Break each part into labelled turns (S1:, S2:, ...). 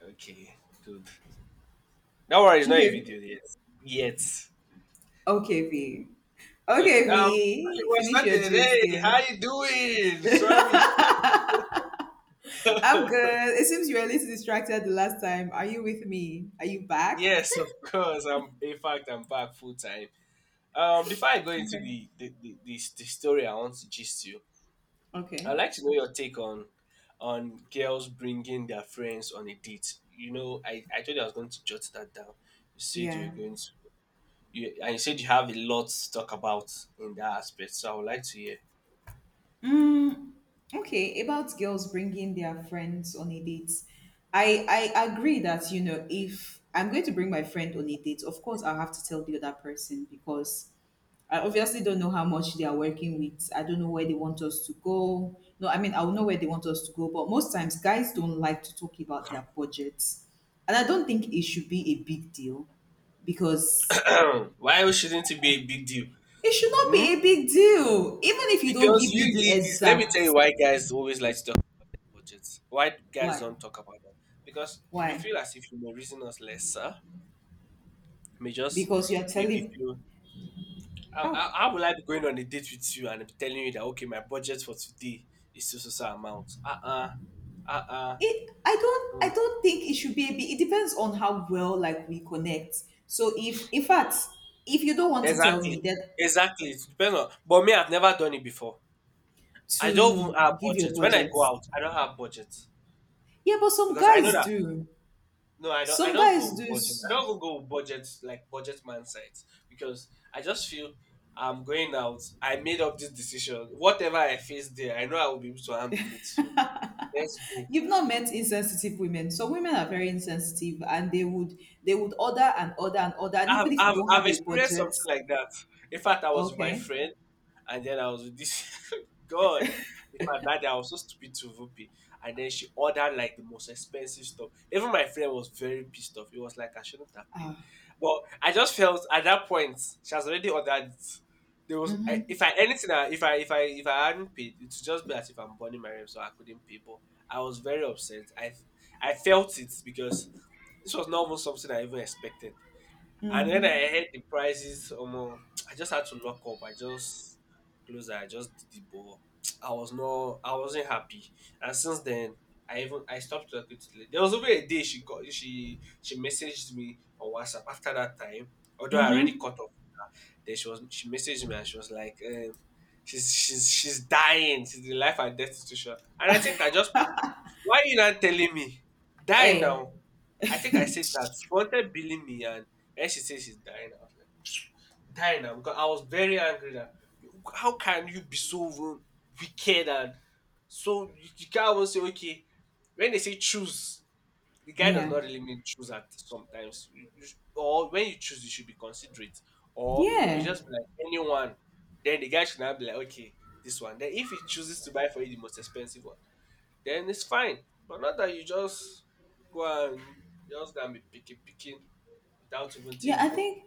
S1: Okay, good. Don't worry, not a
S2: Okay.
S1: video yet. Yet.
S2: Okay, V.
S1: Okay.
S2: Okay,
S1: Okay,
S2: V. Finish
S1: we're
S2: your
S1: started.
S2: gist,
S1: Hey,
S2: yeah.
S1: how you doing? Sorry.
S2: I'm good. It seems you were a little distracted the last time. Are you with me? Are you back?
S1: Yes, of course. I'm. In fact, I'm back full time. Before I go into
S2: Okay.
S1: the story, I want to gist you. I'd
S2: Okay.
S1: like to know your take on girls bringing their friends on a date. You know, I told you I was going to jot that down. You said you
S2: Yeah.
S1: were going to. You, and you said you have a lot to talk about in that aspect. So I would like to hear.
S2: Mm, okay. About girls bringing their friends on a date, I agree that if I'm going to bring my friend on a date, of course I'll have to tell the other person because I obviously don't know how much they are working with. I don't know where they want us to go. No, I mean, I'll know where they want us to go, but most times guys don't like to talk about their budgets. And I don't think it should be a big deal because
S1: Why shouldn't it be a big deal?
S2: it should not
S1: Hmm?
S2: be a big deal. Even if you don't
S1: Because
S2: give me the
S1: usually, this, let me tell you
S2: exact
S1: why guys always like to talk about budgets. Why guys
S2: why.
S1: don't talk about that? Because we
S2: Why?
S1: feel as if you may reason us lesser. May just
S2: Because you're
S1: maybe
S2: telling
S1: feel. How, how
S2: how
S1: how will I be going on a date with you and be telling you that, okay, my budget for today is so so so amount? Uh-uh, uh uh
S2: it I don't
S1: Mm.
S2: I don't think it should be a big it depends on how well like we connect. So if in fact if you don't want to tell me
S1: Exactly,
S2: that
S1: exactly. It depends on. But me, I've never done it before. I don't even
S2: to
S1: have
S2: give your
S1: budget. When I
S2: budget.
S1: go out, I don't have budget
S2: Yeah, but some
S1: because I know
S2: guys
S1: that.
S2: do.
S1: No, I don't. I
S2: Some
S1: don't
S2: guys
S1: go
S2: do.
S1: with budget. I don't even go with budget like budget man sites because I just feel I'm going out. I made up this decision. Whatever I face there, I know I will be able to handle it. So let's go.
S2: You've not met insensitive women. Some women are very insensitive, and they would order and order and order, and
S1: I've,
S2: even if you
S1: I've,
S2: don't have
S1: I've
S2: a
S1: experienced
S2: budget,
S1: something like that. In fact, I was with my
S2: okay,
S1: friend, and then I was with this God. In fact, that day I was so stupid to Vupi, and then she ordered like the most expensive stuff. Even my friend was very pissed off. He was like, "I shouldn't have paid."
S2: ah,
S1: But I just felt at that point she has already ordered. It. There was if I anything, if I if I hadn't paid, it would just be as if I'm burning my rib, so I couldn't pay. But I was very upset. I felt it because this was not even something I even expected. And when I heard the prices, I just had to lock up. I just closed. I just did the ball. I was not. I wasn't happy. And since then, I stopped talking to the lady. There was over a day she got she messaged me on WhatsApp after that time. Although I already
S2: mm-hmm.
S1: cut off with her, then she messaged me and she was like, she's dying. She's in life and death situation. And I think I just, why are you not telling me? Die
S2: Eh,
S1: now. I think I said that. She wanted billing me and then she said she's dying. I was like, die now, because I was very angry that how can you be so wicked, and so you can't even say okay when they say choose. The guy does
S2: yeah,
S1: not really mean choose at sometimes. You or when you choose you should be considerate, or you
S2: yeah.
S1: just be like anyone. Then the guy should not be like, okay, this one. Then if he chooses to buy for you the most expensive one, then it's fine. But not that you just go and just gonna be picking without even
S2: Yeah, I
S1: thinking.
S2: think,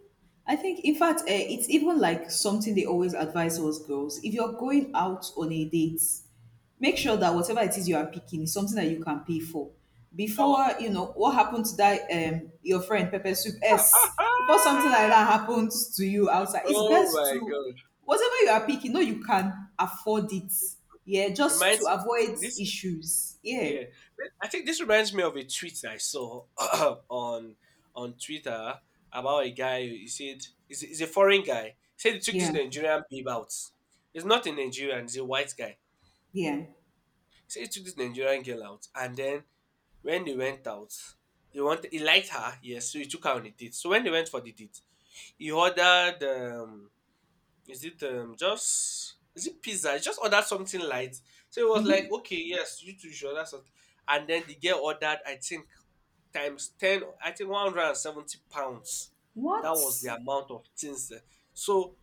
S2: I think, in fact, it's even like something they always advise us girls. If you're going out on a date, make sure that whatever it is you are picking is something that you can pay for. Before,
S1: Oh,
S2: what happened to that, your friend Pepper Soup S, before something like that happens to you outside, it's
S1: oh
S2: best
S1: my
S2: to,
S1: god.
S2: whatever you are picking, no, you can afford it. Yeah, just to
S1: Reminds
S2: avoid
S1: me this,
S2: issues. Yeah,
S1: yeah. I think this reminds me of a tweet I saw on Twitter about a guy. He said he's a foreign guy. He said he took this
S2: yeah,
S1: Nigerian babe out. He's not a Nigerian, he's a white guy.
S2: yeah.
S1: He said he took this Nigerian girl out, and then when they went out, he liked her, yes, so he took her on a date. So when they went for the date, he ordered is it just is it pizza? He just ordered something light. So he was like,
S2: Hmm.
S1: okay, yes, you two should order something. And then the girl ordered, I think, times ten, I think £170. That
S2: What
S1: was the amount of things, eh. So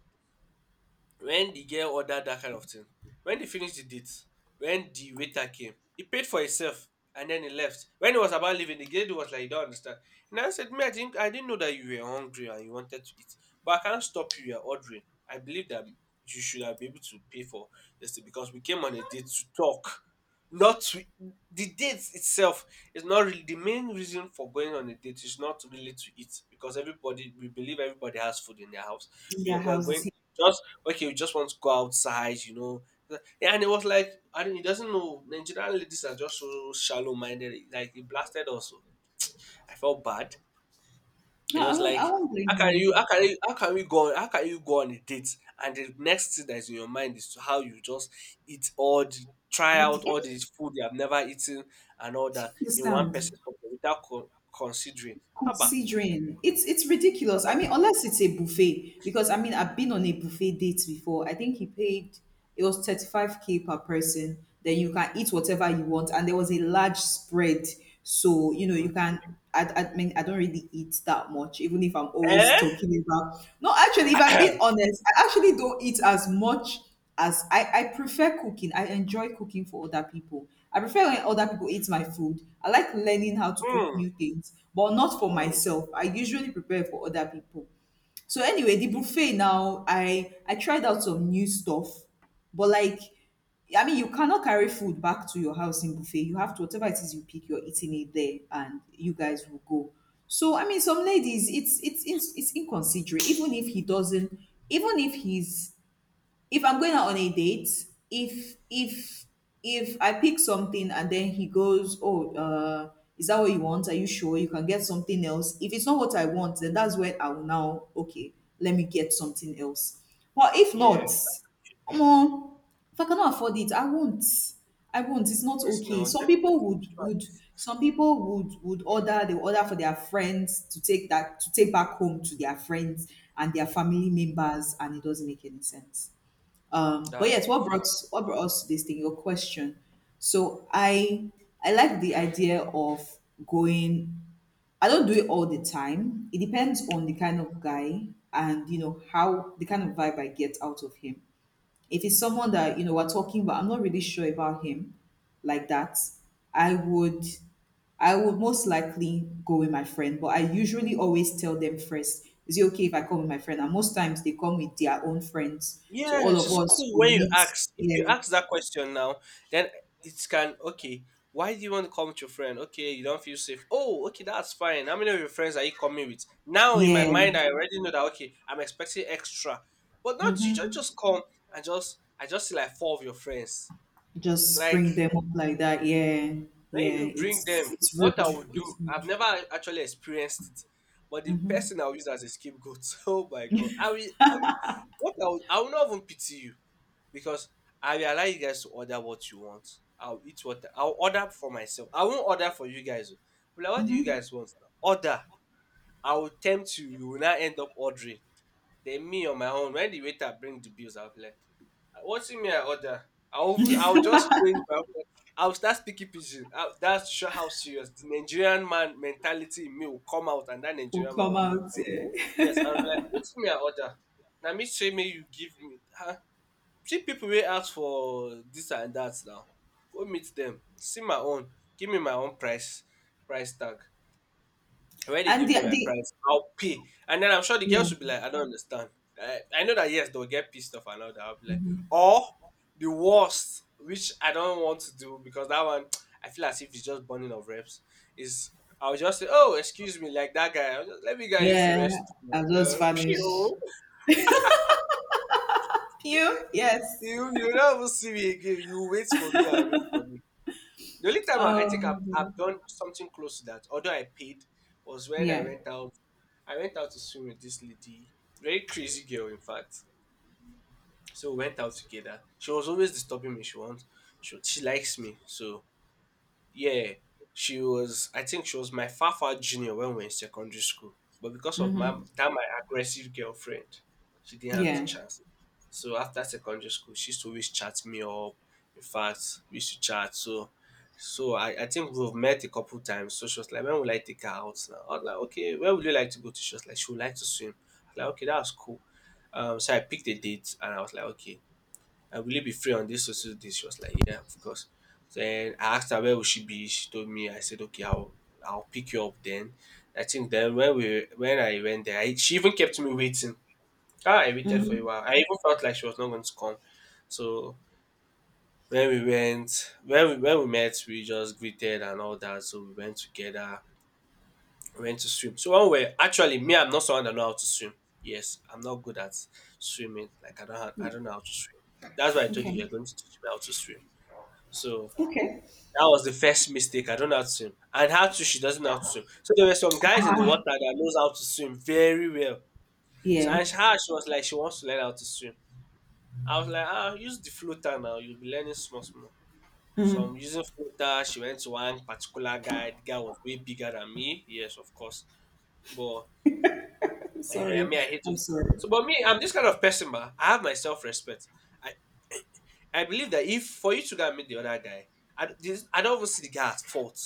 S1: when the girl ordered that kind of thing, when they finished the date, when the waiter came, he paid for himself and then he left. When he was about leaving, the lady was like, “You don't understand.” And I said, “Me, I didn't know that you were hungry and you wanted to eat, but I can't stop you. You're ordering. I believe that you should have been able to pay for this thing because we came on a date to talk, not to." The date itself is not really the main reason for going on a date. Is not really to eat because everybody, we believe everybody has food in their house.
S2: in their
S1: We are going
S2: houses?
S1: just, okay, we just want to go outside, you know. Yeah, and it was like, I don't, he doesn't know. Nigerian ladies are just so shallow minded. Like, he blasted also. I felt bad.
S2: No,
S1: And it
S2: I
S1: was
S2: won't. I
S1: like,
S2: won't blame him.
S1: how can we go on, how can you go on a date? And the next thing that's in your mind is how you just eat all the, try
S2: Or the,
S1: out all this food you have never eaten and all
S2: do you
S1: that in one
S2: understand?
S1: person's pocket without considering. Haba,
S2: Considering it's ridiculous. I
S1: haba.
S2: mean, unless it's a buffet, because I mean, I've been on a buffet date before. I think he paid it was 35K k per person. Then you can eat whatever you want, and there was a large spread, so you know you
S1: Mm.
S2: can. I, I mean, I don't really eat that much, even if I'm always
S1: Eh?
S2: talking about. No, actually, if I'm being honest, I actually don't eat as much as I prefer cooking. I enjoy cooking for other people. I prefer when other people eat my food. I like learning how to cook
S1: Hmm.
S2: new things, but not for
S1: Hmm.
S2: myself. I usually prepare for other people. So anyway, the buffet now, I tried out some new stuff, but like, I mean, you cannot carry food back to your house in buffet. You have to whatever it is you pick, you're eating it there, and you guys will go. So I mean, some ladies, it's inconsiderate. Even if he doesn't, even if he's if I'm going out on a date, if if if I pick something and then he goes, "Oh, is that what you want? Are you sure you can get something else?" If it's not what I want, then that's where I will now okay, let me get something else. But if
S1: Yeah.
S2: not,
S1: Should be.
S2: omo, if I cannot afford it, I won't. I won't. It's not
S1: Yes,
S2: okay.
S1: no,
S2: Some people
S1: definitely.
S2: would
S1: Which one
S2: would
S1: is-
S2: some people would would order. They will order for their friends to take that to take back home to their friends and their family members, and it doesn't make any sense. But
S1: That's
S2: yes,
S1: it.
S2: what brought
S1: Um,
S2: what brought us to this thing? Your question. So I like the idea of going. I don't do it all the time. It depends on the kind of guy and you know how the kind of vibe I get out of him. If it's someone that, we're talking about, I'm not really sure about him like that. I would I would most likely go with my friend, but I usually always tell them first, is it okay if I come with my friend? And most times they come with their own friends. So all
S1: yes,
S2: of
S1: it's
S2: us
S1: cool
S2: will
S1: when you
S2: meet.
S1: ask. If
S2: Yeah.
S1: you ask that question now, then it can okay. Why do you want to come with your friend? Okay, you don't feel safe. Oh, okay, that's fine. How many of your friends are you coming with? Now in my
S2: Yeah.
S1: mind, I already know that okay, I'm expecting extra, but not you
S2: Hmm.
S1: just come and just I just see like four of your friends.
S2: Just
S1: Like
S2: bring them up like that. Yeah.
S1: when you
S2: Yeah.
S1: bring them,
S2: It's
S1: what I
S2: rude.
S1: would
S2: It's
S1: do, I've
S2: rude.
S1: never actually experienced it, but the
S2: Mm-hmm.
S1: person I will use as a scapegoat. Oh my god, I will, what I will not even pity you, because I will allow you guys to order what you want. I'll eat what I'll order for myself. I won't order for you guys. Oh. I'm like, what do you
S2: Mm-hmm.
S1: guys want? Order. I will tempt you. You will not end up ordering. Then me on my own. When the waiter bring the bills, I'll be like, what's in me? I order. I'll just change my own. I'll start speaking pidgin. I- That's to show how serious the Nigerian man mentality in me will come out, and that
S2: Will
S1: Nigerian man
S2: come
S1: will me will
S2: out.
S1: come out.
S2: Yeah.
S1: Yes, I'll be like, what's in me? I order. Now me say me you give me. Huh? See people wey ask for this and that now, go meet them. See my own, give me my own price tag. Wen they
S2: And
S1: give me my
S2: the
S1: price, I'll pay, and then I'm sure the
S2: yeah.
S1: girls will be like, “I don't understand.” I know that yes, they will get pissed off and all that. I'll be like, or the worst, which I don't want to do because that one I feel as if it's just burning of reps, is I'll just say, “Oh excuse me,” like that guy, I'll just, “Let me go and use de
S2: Yeah.
S1: restroom,” and
S2: I'll just vanish.
S1: den
S2: Pew, yes.
S1: you you never see me again, you wait for me I wait for me. The only time I think I've
S2: Um,
S1: done something close to that, although I paid, was when I
S2: yeah.
S1: went out. I went out to swim with this lady, very crazy girl, in fact. So we went out together. She was always disturbing me. She likes me, so yeah, she was. I think she was my far junior when we were in secondary school. But because of my
S2: Mm-hmm.
S1: that my aggressive girlfriend, she didn't have the
S2: Yeah.
S1: chance. So after secondary school, she used to always chat me up. In fact, we used to chat. So, I think we've met a couple times. So she was like, "When would I take her out?" Now I was like, "Okay, where would you like to go to?" She was like, "She would like to swim." I was like, "Okay, that's cool." So I picked a date, and I was like, "Okay, will you be free on this so so day?" She was like, yeah, of course. Then I asked her where would she be. She told me. I said, okay, I'll pick you up then. I think then when I went there, I, she even kept me waiting. Ah, I waited for a
S2: Mm-hmm.
S1: while. I even felt like she was not going to come. So when we went, when we met, we just greeted and all that. So we went together. We went to swim. So when we actually me, I'm not someone that know how to swim. Yes, I'm not good at swimming. Like I don't know how to swim. That's why I told you
S2: Okay.
S1: you're going to teach me how to swim. So
S2: Okay.
S1: that was the first mistake. I don't know how to swim. And how to she doesn't know how to swim. So there were some guys in the water that knows how to swim very well. So
S2: Yeah.
S1: she was like she wants to learn how to swim. I was like, ah, use the floater now. You'll be learning small small. So
S2: Mm-hmm.
S1: I'm using floater. She went to one particular guy. The guy was way bigger than me. Yes, of course. But I
S2: Sorry.
S1: mean, I hate
S2: I'm
S1: to.
S2: sorry.
S1: So, but me, I'm this kind of person, but I have my self respect. I, I believe that if for you to go and meet the other guy, I don't even see the guy at fault.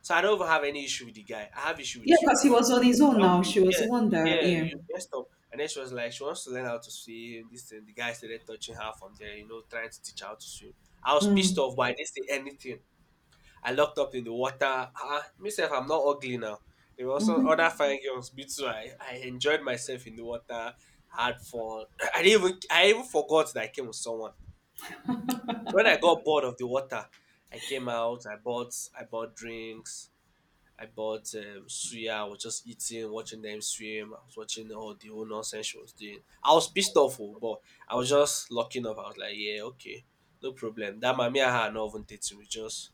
S1: So I don't even have any issue with the guy. I have issue
S2: Yeah,
S1: with you
S2: because he
S1: because
S2: was on his own
S1: why would
S2: now.
S1: you?
S2: She was the one
S1: Yeah,
S2: that,
S1: yeah, you
S2: yeah.
S1: messed up. And then she was like, she wants to learn how to swim. This and the guy started touching her from there, you know, trying to teach her how to swim. I was pissed off, but I didn't say anything. I locked up in the water. Ah, myself, I'm not ugly now. There were also other fine girls, but so I enjoyed myself in the water, had fun. I didn't even, I even forgot that I came with someone. So when I got bored of the water, I came out. I bought drinks. I bought suya. I was just eating, watching them swim. I was watching all the whole nonsense she was doing. I was pissed off, oh, but I was just locking up. I was like, yeah, okay, no problem. That mommy, me and her are not even dating. We just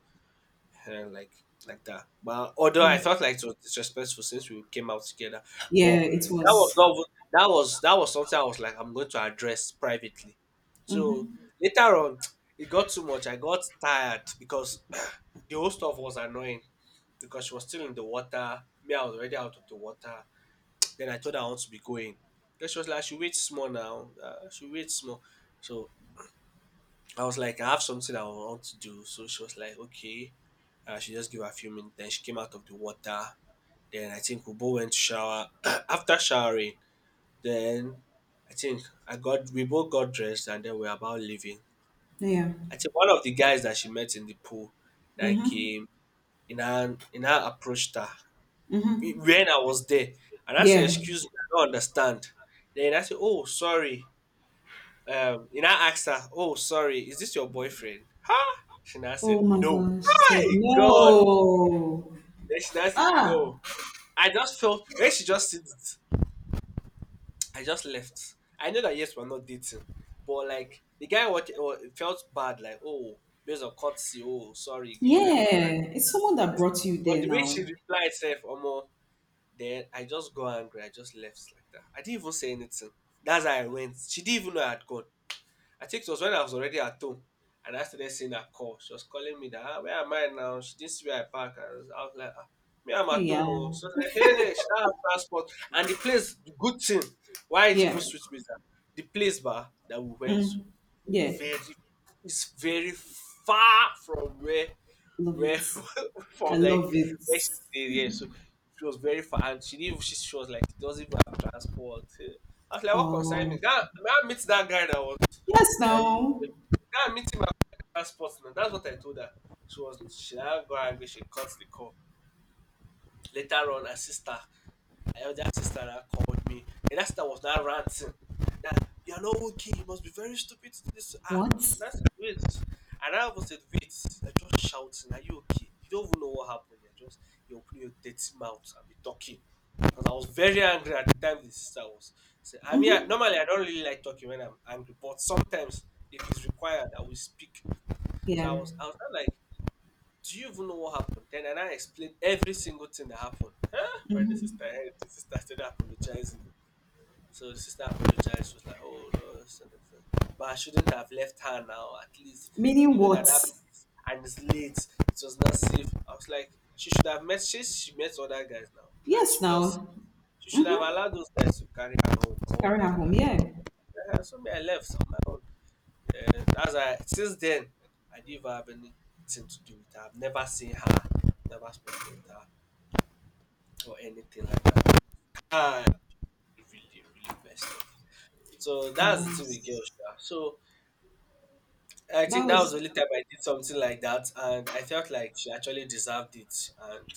S1: eh, like like that. But although
S2: Yeah.
S1: I felt like it was disrespectful since we came out together, but
S2: Yeah, it
S1: that was
S2: was.
S1: not even- that was something I was like, I'm going to address privately. So
S2: Mm-hmm.
S1: later on, it got too much. I got tired because the whole stuff was annoying because she was still in the water. Me, I was already out of the water. Then I told her I want to be going. Then she was like, she waits more now. She waits more. So I was like, I have something I want to do. So she was like, okay. She just gave her a few minutes. Then she came out of the water. Then I think we both went to shower. After showering, then I think I got we both got dressed and then we are about leaving.
S2: Yeah.
S1: I think one of the guys that she met in the pool that
S2: Mm-hmm.
S1: came in her approached her
S2: Mm-hmm.
S1: when I was there. And I said,
S2: Yeah.
S1: excuse me, I don't understand. Then I said, oh, sorry. And I asked her, oh, sorry, is this your boyfriend? Huh? She now
S2: Oh
S1: said,
S2: my
S1: no.
S2: gosh. She
S1: My
S2: said,
S1: God.
S2: no.
S1: Then she now said,
S2: Ah,
S1: no. I just felt, when she just said it, I just left. I know that, yes, we're not dating. But, like, the guy felt bad, like, oh, based on courtesy, oh, sorry, bro. I,
S2: yeah. It's someone that
S1: this.
S2: brought you
S1: But
S2: there
S1: the way
S2: now.
S1: she replied, said, Omo, then I just got angry. I just left like that. I didn't even say anything. That's how I went. She didn't even know I had gone. I think it was when I was already at home and I started seeing her call. She was calling me that, ah, where am I now? She didn't see where I parked. I was like, ah, me, I'm
S2: Hey,
S1: at home. Oh.
S2: yeah.
S1: So I was like, hey, she don't have transport. And the place, the good thing, why it even
S2: Yeah.
S1: switched me is that the place bar that we went to,
S2: Mm. Yeah.
S1: very, it's very far from where
S2: Love
S1: where
S2: it. I
S1: from like
S2: love it.
S1: where she stayed. Yeah, so she was very far, and she didn't. She was like, she doesn't even have transport. Eh. I was like, what concern me?
S2: Um,
S1: That I meet that guy that was
S2: yes,
S1: that you
S2: now.
S1: that meet him at transport. Now that's what I told her. She was she that got angry. She cuts the call. Later on, her elder sister that called me. And that sister was now ranting that you are not okay. You must be very stupid to do this. Ah,
S2: What?
S1: that's wait. And I was said, wait, you're just shouting. Are you okay? You don't even know what happened. You open your dirty mouth and be talking. Because I was very angry at the time the sister was. So, I mean, I, normally I don't really like talking when I'm angry, but sometimes if it's required, I will speak. So
S2: Yeah.
S1: I was not like, do you even know what happened? Then and I explained every single thing that happened. Huh? When the sister heard, the sister started apologizing. So the sister apologized. She was like, "Oh no, this and this and that," but I shouldn't have left her now. At least
S2: Meaning
S1: you know that
S2: what?
S1: that place and it's late. It was not safe. I was like, she should have met. She met other guys now, and she
S2: Yes,
S1: felt sick.
S2: now.
S1: She should have allowed those guys to carry her home or
S2: To carry her
S1: whatever.
S2: home.
S1: I don't know.
S2: Yeah.
S1: Yeah, so me, I left on my own. And that's why since then I didn't even have anything to do with her. I've never seen her, never spoken with her or anything like that. I really, really messed up. So
S2: Now,
S1: that's the thing with girls. Sha. So I
S2: that
S1: think that was
S2: was.
S1: the only time I did something like that, and I felt like she actually deserved it, and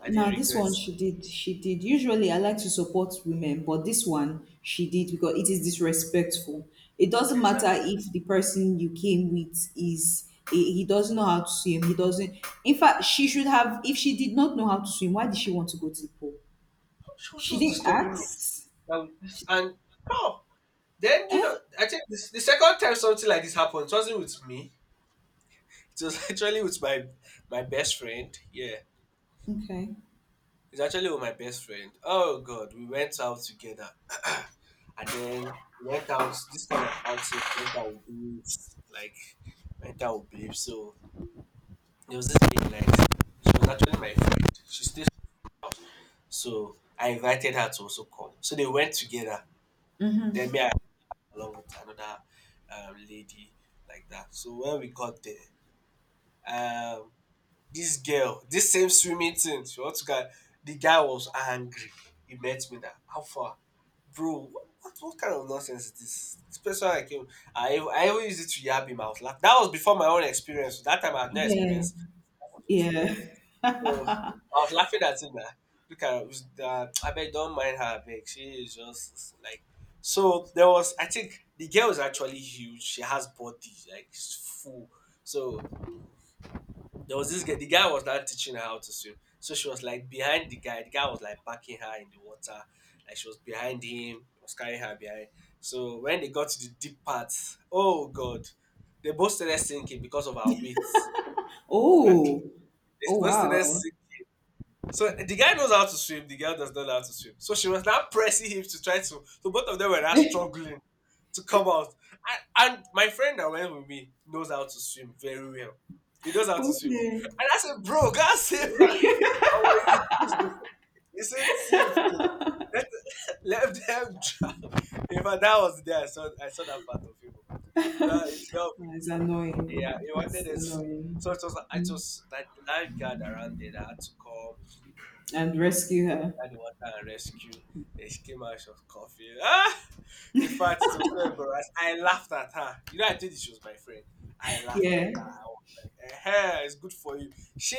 S1: I didn't
S2: Now this
S1: regret
S2: one she did. She did. Usually I like to support women, but this one she did because it is disrespectful. It doesn't
S1: it. And
S2: matter if the person you came with is he doesn't know how to swim. He doesn't. In fact, she should have. If she did not know how to swim, why did she want to go to the pool?
S1: she was
S2: She
S1: just
S2: didn't
S1: disturbing me,
S2: ask.
S1: and, and oh, then you know, I think this, the second time something like this happened, it wasn't with me. It was actually with my best friend. Yeah,
S2: Okay.
S1: it's actually with my best friend. Oh God, we went out together, and then went out this kind of outing. Went out with babes, like went out with babes. So there was this lady, like she was actually my friend. She stayed, so I invited her to also come. So they went together. Then me I went along with another lady like that. So when we got there, um this girl, this same swimming thing, she wants to get the guy was angry. He met me that how far? Bro, what kind of nonsense is this? This person I came, I even used it to yab him. I was laughing. That was before my own experience. That time I had no
S2: Yeah.
S1: experience. I was even
S2: Yeah.
S1: there. So I was laughing at him that look at her, that I beg don't mind her beg. She is just like so there was I think the girl is actually huge. She has body, like she's full. So there was this girl, the guy was now teaching her how to swim. So she was like behind the guy. The guy was like backing her in the water. Like she was behind him, he was carrying her behind. So when they got to the deep part, oh god, they both started sinking because of our weight. Exactly.
S2: Oh.
S1: They
S2: Oh
S1: both started
S2: wow.
S1: sinking so the guy knows how to swim, the girl does not know how to swim. So she was now pressing him to try to. So both of them were now struggling to come out. And my friend that went with me knows how to swim very well. He knows how to swim.
S2: Okay.
S1: And I said, Bro, God save her. And when he refused, he said, save her. Let, let them drown. If I, that was there, I saw that part of him. It did not
S2: Oh, it's
S1: break him.
S2: annoying.
S1: Yeah, he wanted
S2: It's
S1: it. So
S2: annoying.
S1: it was like the lifeguard around there that had to come
S2: And rescue her.
S1: carried water and rescue. Then she came out, she was coughing. Ah! In fact, it was so embarrassing. I laughed at her. You know, I told you she was my friend. I laughed at
S2: Yeah.
S1: her. I was like, eh, it's good for you. She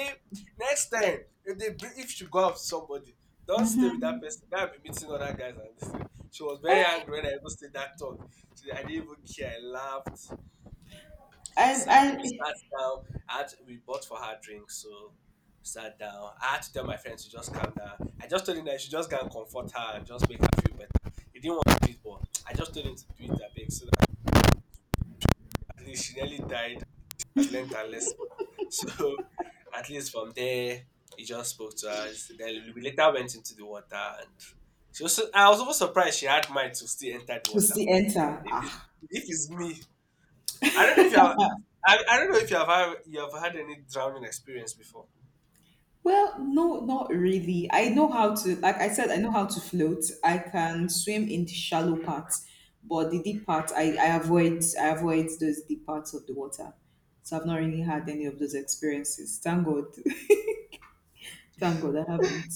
S1: next time if they bring, if she go out with somebody, don't stay with that person. That be meeting other guys and this. Thing. She was very angry when I even said that talk. I didn't even care. I laughed. She
S2: And
S1: sat. We
S2: and
S1: sat down. We bought for her drinks, so we sat down. I had to tell my friends to just calm down. I just told him that she just go and comfort her and just make her feel better. He didn't want to do it, but I just told him to do it that big so that at least she nearly died. Has learned her lesson. So at least from there, he just spoke to us. Then we later went into the water, and she was. So, I was almost surprised she had mind to still enter the
S2: to
S1: water.
S2: see enter.
S1: If it's,
S2: Ah.
S1: if it's me, I don't know if you have. I don't know if you have had any drowning experience before.
S2: Well, no, not really. I know how to like I said, I know how to float. I can swim in the shallow parts, but the deep parts I avoid those deep parts of the water. So I've not really had any of those experiences. Thank God. Thank God I haven't.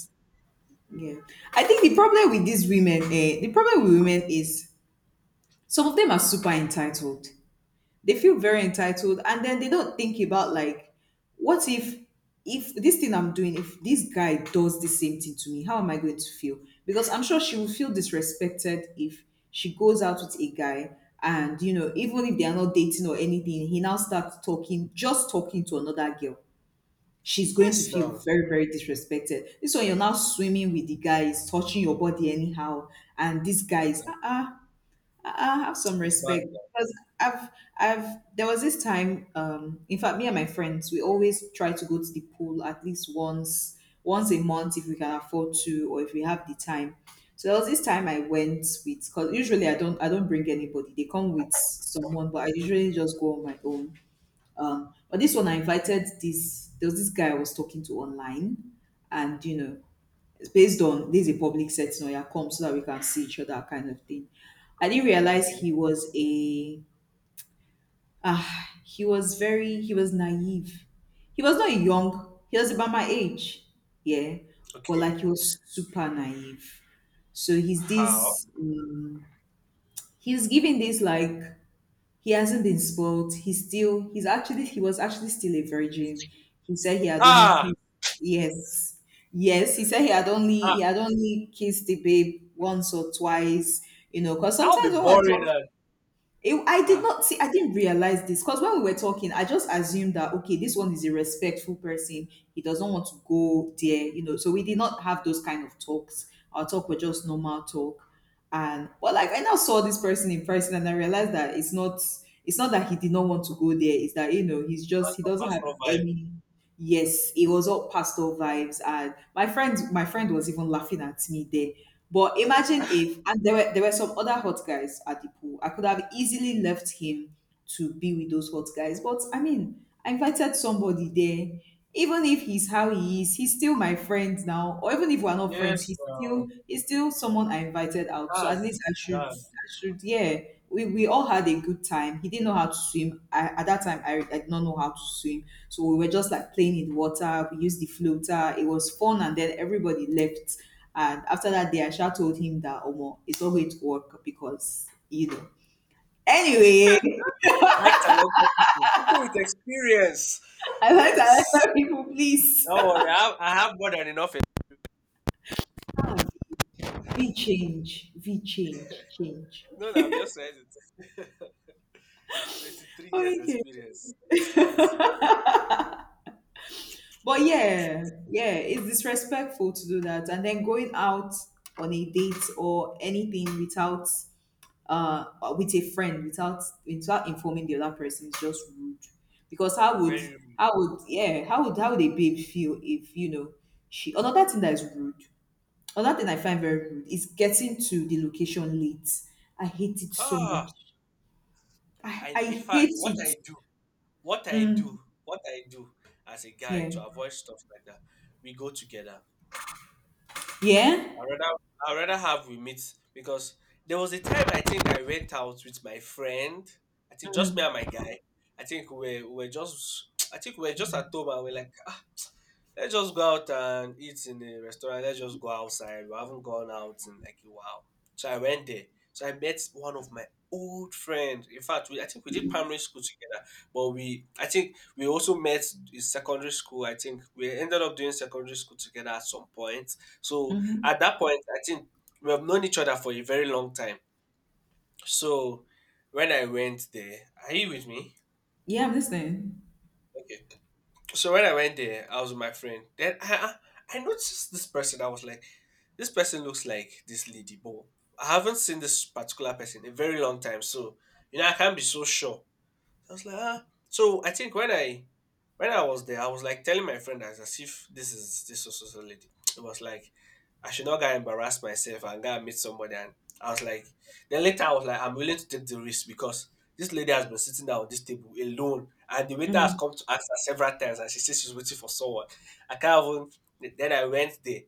S2: Yeah, I think the problem with these women, the problem with women is some of them are super entitled. They feel very entitled, and then they don't think about like, what if this thing I'm doing, if this guy does the same thing to me, how am I going to feel? Because I'm sure she will feel disrespected if she goes out with a guy, and even if they are not dating or anything, he now starts talking, just talking to another girl she's going to
S1: Yes,
S2: feel
S1: no,
S2: very, very disrespected. This one, you're now swimming with the guys, touching your body anyhow, and these
S1: it's,
S2: guys, have some
S1: it's bad
S2: respect.
S1: now.
S2: Because I've, there was this time, in fact, me and my friends, we always try to go to the pool at least once a month if we can afford to, or if we have the time. So there was this time I went with, because usually I don't bring anybody. They come with someone, but I usually just go on my own. But this one, I invited this. There was this guy I was talking to online, and it's based on this is a public setting, or you come so that we can see each other, kind of thing. I didn't realize
S1: Okay,
S2: he was he was very he was naive. He was not young. He was about my age, yeah, but
S1: okay.
S2: like he was super naive. So he's
S1: How?
S2: this. He's giving this like he hasn't been spoiled. He was actually still a virgin. He said he had only
S1: Ah,
S2: kissed yes. Yes, he said he had only
S1: ah
S2: he had only kissed the babe once or twice, because
S1: that would
S2: sometimes
S1: be
S2: when we're
S1: boring. And,
S2: it,
S1: ah,
S2: I didn't realize this because when we were talking, I just assumed that, okay, this one is a respectful person. He doesn't want to go there, you know. So we did not have those kind of talks. Our talk was just normal talk. And, but like, I now saw this person in person and I realized that it's not, that he did not want to go there. It's that, he's just, he
S1: pastor,
S2: doesn't have
S1: pastor
S2: any. Yes, it was all pastel vibes, and my friend was even laughing at me there. But imagine
S1: vibe.
S2: if, and there were some other hot guys at the pool. I could have easily left him to be with those hot guys, but I mean, I invited somebody there. Even if he's how he is, he's still my friend now. Or even if we're not friends,
S1: Yes,
S2: he's
S1: no,
S2: still he's still someone I invited out. So at
S1: that's
S2: least I should
S1: that's
S2: I should yeah. We all had a good time. He didn't know how to swim. I, at that time, I did not know how to swim. So we were just like playing in the water. We used the floater. It was fun, and then everybody left. And after that day, I just told him that Omo, it's not going to work because you know. Anyway,
S1: like talented people with experience.
S2: I like to
S1: Yes,
S2: answer people, please.
S1: don't worry. I have more than enough.
S2: Ah, V change, change.
S1: No, no, I'm just saying it. 23 years
S2: Okay,
S1: experience. Just what
S2: but yeah, yeah, it's disrespectful to do that, and then going out on a date or anything without uh with a friend without informing the other person is just rude because
S1: very
S2: how would yeah, how would a babe feel if you know. She another thing that is rude Another thing I find very rude is getting to the location late. I hate it so
S1: ah
S2: much. i
S1: and
S2: i
S1: in fact
S2: hate
S1: what
S2: it.
S1: I do What I do, what I do as a guy
S2: Yeah,
S1: to avoid stuff like that, we go together.
S2: yeah,
S1: I rather I rather have we meet because there was a time I think I went out with my friend. I think just me and my guy. I think we were just I think we were just at home and we're like Let's just go out and eat in a restaurant. Let's just go outside. We haven't gone out in like a while. So I went there. So I met one of my old friends. In fact, I think we did primary school together, but we I think we also met in secondary school. I think we ended up doing secondary school together at some point. So at that point, I think we have known each other for a very long time. So when I went there, are you with me?
S2: yeah, I'm listening.
S1: Okay. So when I went there, I was with my friend. Then I noticed this person. I was like, this person looks like this lady, but I haven't seen this particular person in a very long time. So you know, I can't be so sure. So I was like, ah. So I think when I was there, I was like telling my friend as if this was also lady. It was like I should not get embarrass myself and go and meet somebody. And I was like, then later I was like, I'm willing to take the risk because this lady has been sitting down on this table alone, and the waiter has
S2: Mm.
S1: come to ask her several times, and she says she's waiting for someone. I can't even. Then I went there.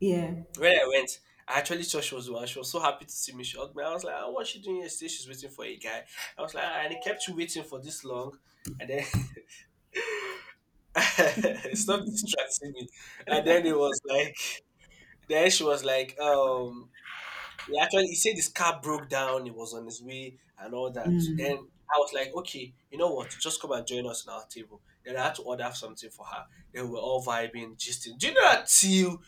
S2: Yeah,
S1: When I went, I actually saw she was the one. She was so happy to see me. She hugged me. I was like, "Ah, "What's she doing here?" She said she's waiting for a guy. I was like, "Ah," and he kept you waiting for this long. And then stop distracting me. And then it was like, then she was like, he said his car broke down. He was on his way and all that. Then I was like, okay, you know what? Just come and join us on our table. Then I had to order something for her. Then we were all vibing, gisting. Do you know that till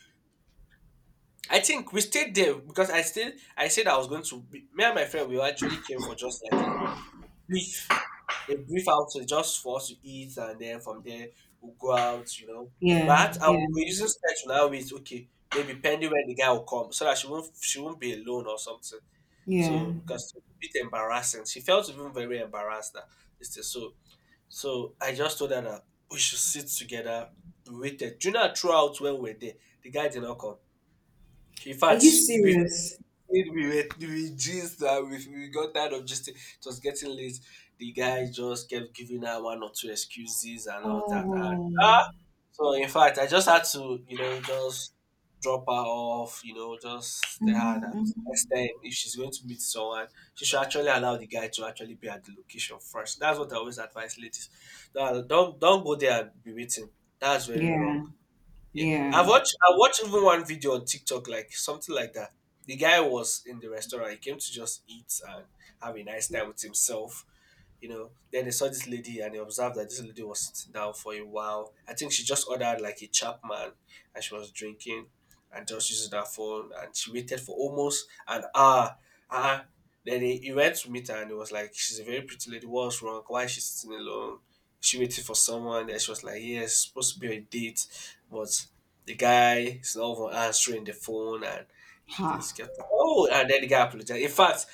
S1: I think we stayed there because I said I was going to. Be, me and my friend we actually came for just like a brief, a brief outing just for us to eat, and then from there we'll go out.
S2: yeah,
S1: But I
S2: yeah,
S1: will be using sketch now with okay, maybe pending when the guy will come, so that she won't be alone or something.
S2: yeah,
S1: So because it's a bit embarrassing, she felt even very embarrassed that this thing. So I just told her that we should sit together. We waited. Do you know throughout when we were there, the guy did not come. In
S2: are you
S1: fact,
S2: serious?
S1: we were we just we got tired of just it was getting late. The guy just kept giving her one or two excuses and all that. And,
S2: Oh.
S1: ah, so in fact, I just had to just drop her off. You know, just tell her that
S2: Hmm.
S1: next time if she's going to meet someone, she should actually allow the guy to actually be at the location first. That's what I always advise ladies. No, don't go there and be waiting. That's very wrong.
S2: Yeah,
S1: Yeah,
S2: yeah,
S1: I watched even one video on TikTok like something like that. The guy was in the restaurant. He came to just eat and have a nice time with himself. Then they saw this lady and they observed that this lady was sitting down for a while. I think she just ordered like a Chapman and she was drinking and just using her phone and she waited for almost an hour. Uh, then he went to meet her and he was like, She's a very pretty lady, what's wrong? Why is she sitting alone? She waited for someone. Then she was like, Yes, it's supposed to be a date, but the guy is not even answering the phone and
S2: ha.
S1: this kept, oh and then the guy apologized. In fact,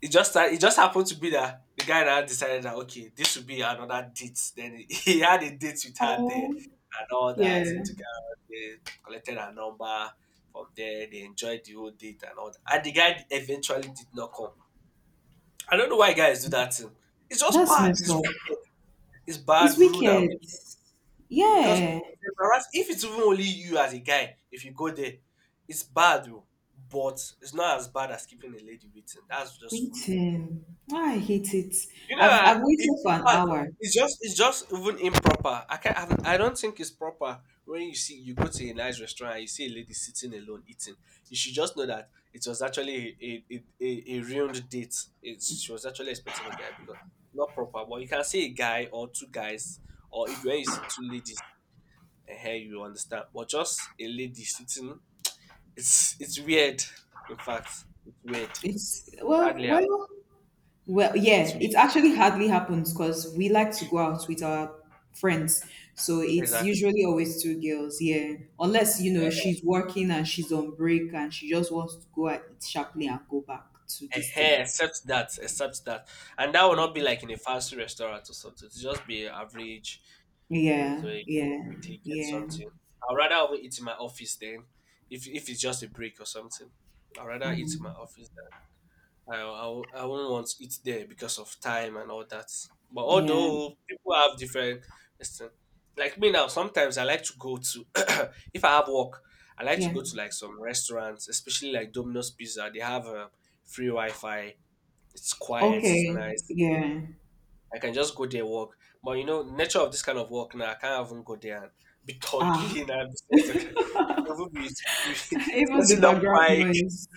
S1: it just happened to be that the guy now decided that okay, this would be another date. Then he, he had a date with her there
S2: Oh,
S1: and all that. He
S2: yeah.
S1: took her out there, collected her number from there. They enjoyed the whole date and all that. And the guy eventually did not come. I don't know why guys do that thing. It's just
S2: That's
S1: bad.
S2: messed
S1: It's
S2: up.
S1: wicked. It's
S2: It's
S1: bad, rude, and wicked.
S2: wicked.
S1: Because
S2: Yeah.
S1: it's embarrassing. If it's even only you as a guy, if you go there, it's bad, oh, but it's not as bad as keeping a lady waiting. That's just for me.
S2: Waiting. I hate it.
S1: You know,
S2: I've
S1: uh,
S2: I've
S1: it,
S2: waited
S1: in
S2: for an
S1: fact,
S2: hour.
S1: it's just even improper. I can't. I don't think it's proper when you go to a nice restaurant and you see a lady sitting alone eating. You should just know that it was actually a ruined date. She was actually expecting a guy because it's not proper. But you can see a guy or two guys, or if when you see two ladies, and here you understand. But just a lady sitting, it's weird. In fact, it's weird.
S2: It's Well,
S1: Hardly up.
S2: well, well,
S1: It's
S2: yeah. It
S1: weird.
S2: actually hardly happens because we like to go out with our friends. So it's
S1: Exactly.
S2: usually always two girls, yeah. Unless, she's working and she's on break and she just wants to go and eat sharply and go back to this
S1: Ehen,
S2: thing.
S1: except that, and that will
S2: Yeah.
S1: not be like in a fancy restaurant or something. It'll just be a average place
S2: Yeah,
S1: where you
S2: yeah,
S1: quickly get
S2: yeah.
S1: something. I'd rather have it eat in my office then, if it's just a break or something. I'd rather eat in my
S2: Mm,
S1: office. Than I wouldn't want to eat there because of time and all that. But
S2: yeah.
S1: although people have different, listen, like me now, sometimes I like to go to if I have work, I like to
S2: Yeah.
S1: go to like some restaurants, especially like Domino's Pizza. They have a free Wi-Fi it's quiet, it's
S2: Okay.
S1: nice.
S2: Yeah.
S1: I can just go there walk. But you know, nature of this kind of work now, I can't even go there and be
S2: Ah.
S1: talking and be saying okay. Even be
S2: Even the
S1: setting up
S2: background
S1: mic.
S2: noise.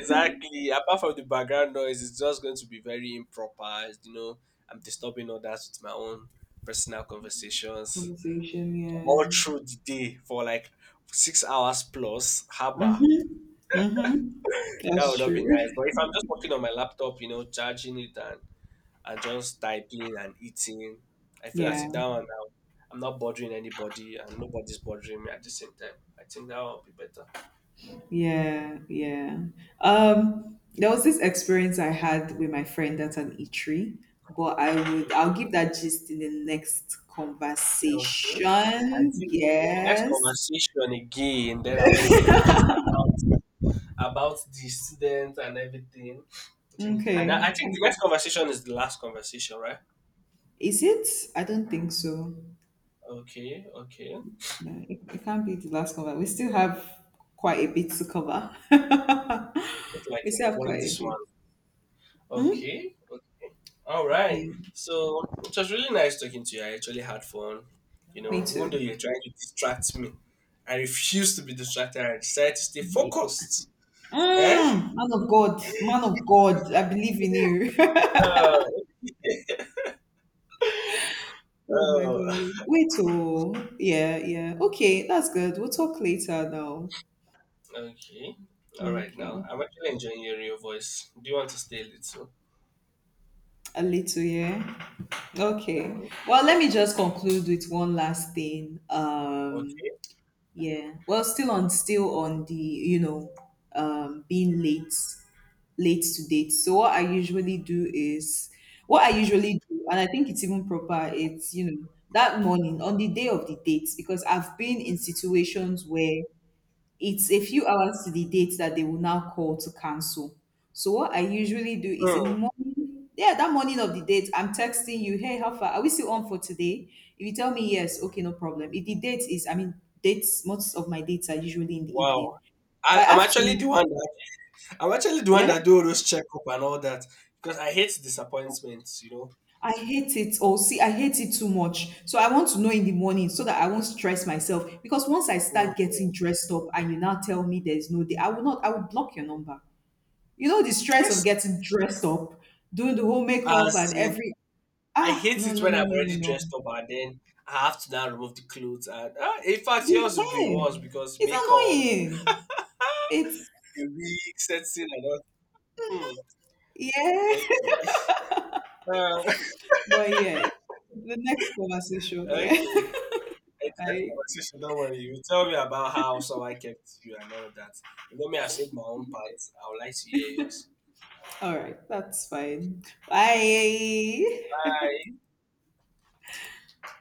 S1: Exactly. Apart from the background noise, it's just going to be very improper. I'm disturbing others with my own personal conversations.
S2: Conversation. Yeah.
S1: All through the day for like 6 hours plus. Haba.
S2: Mm-hmm. Mm-hmm.
S1: That would
S2: That's
S1: not
S2: true.
S1: be nice. But if I'm just working on my laptop, charging it and just typing and eating. I feel as
S2: Yeah,
S1: if that one now I'm not bothering anybody and nobody's bothering me at the same time. I think that will be better.
S2: yeah, yeah. There was this experience I had with my friend at an eatery, but I'll give that gist in the next
S1: Okay, okay. I
S2: conversation.
S1: think in the next
S2: Yes.
S1: conversation again, then I'll give you this about the students and everything. I think, and I
S2: Okay.
S1: think the next conversation is the last conversation, right?
S2: Is it? I don't think so.
S1: Okay, okay. Hope
S2: No, it can't be the last cover. We still have quite a bit to cover.
S1: you like
S2: We still have
S1: enjoying
S2: quite a
S1: this
S2: bit.
S1: one.
S2: Hmm?
S1: Okay, all right.
S2: Yeah,
S1: So it was really nice talking to you. I actually had fun. You
S2: me
S1: know, even though
S2: too.
S1: you're trying to distract me, I refuse to be distracted. I decided to stay focused. Eh?
S2: Mm, man of God, I believe in you.
S1: Oh,
S2: Oh my
S1: oh.
S2: God. Wait, oh, yeah, yeah. Okay, that's good. We'll talk later now.
S1: Okay. All right. Now
S2: Okay,
S1: I'm actually enjoying hearing your voice. Do you want to stay a little?
S2: a little, yeah. Okay. Well, let me just conclude with one last thing.
S1: Okay.
S2: Yeah. Well, still on the, being late to date. So what I usually do is what I usually do, and I think it's even proper, it's that morning on the day of the date, because I've been in situations where it's a few hours to the date that they will now call to cancel. So what I usually do is in the
S1: Hmm.
S2: morning, yeah, that morning of the date, I'm texting you, hey, how far are we still on for today? If you tell me yes, okay, no problem. If the date is, I mean, dates, most of my dates are usually in the
S1: Wow.
S2: evening.
S1: I,
S2: By
S1: I'm actually
S2: afternoon,
S1: the one that
S2: yeah,
S1: do all those checkup and all that because I hate disappointments. You know.
S2: I hate it. Or see, I hate it too much. So I want to know in the morning so that I won't stress myself. Because once I
S1: Hmm.
S2: start getting dressed up and you now tell me there's no day, I will not, I will block your number. You know the stress of
S1: Yes.
S2: getting dressed up, doing the whole makeup
S1: As
S2: and every
S1: I hate
S2: no,
S1: it
S2: no,
S1: when
S2: no,
S1: I'm
S2: no, no,
S1: already
S2: no.
S1: dressed up and then I have to now remove the clothes. And in fact,
S2: The-
S1: yours will be worse
S2: eh,
S1: because
S2: it's
S1: makeup,
S2: annoying. It's
S1: the wig, setting, and all. Hmm.
S2: Yeah,
S1: Okay. Um,
S2: but yeah, the next conversation.
S1: okay.
S2: Yeah,
S1: In today's
S2: I
S1: conversation, don't worry. You tell me about how someone kept you and all that. You know me, I said my own part. I would like to hear yours.
S2: all right. That's fine. Bye.
S1: Bye.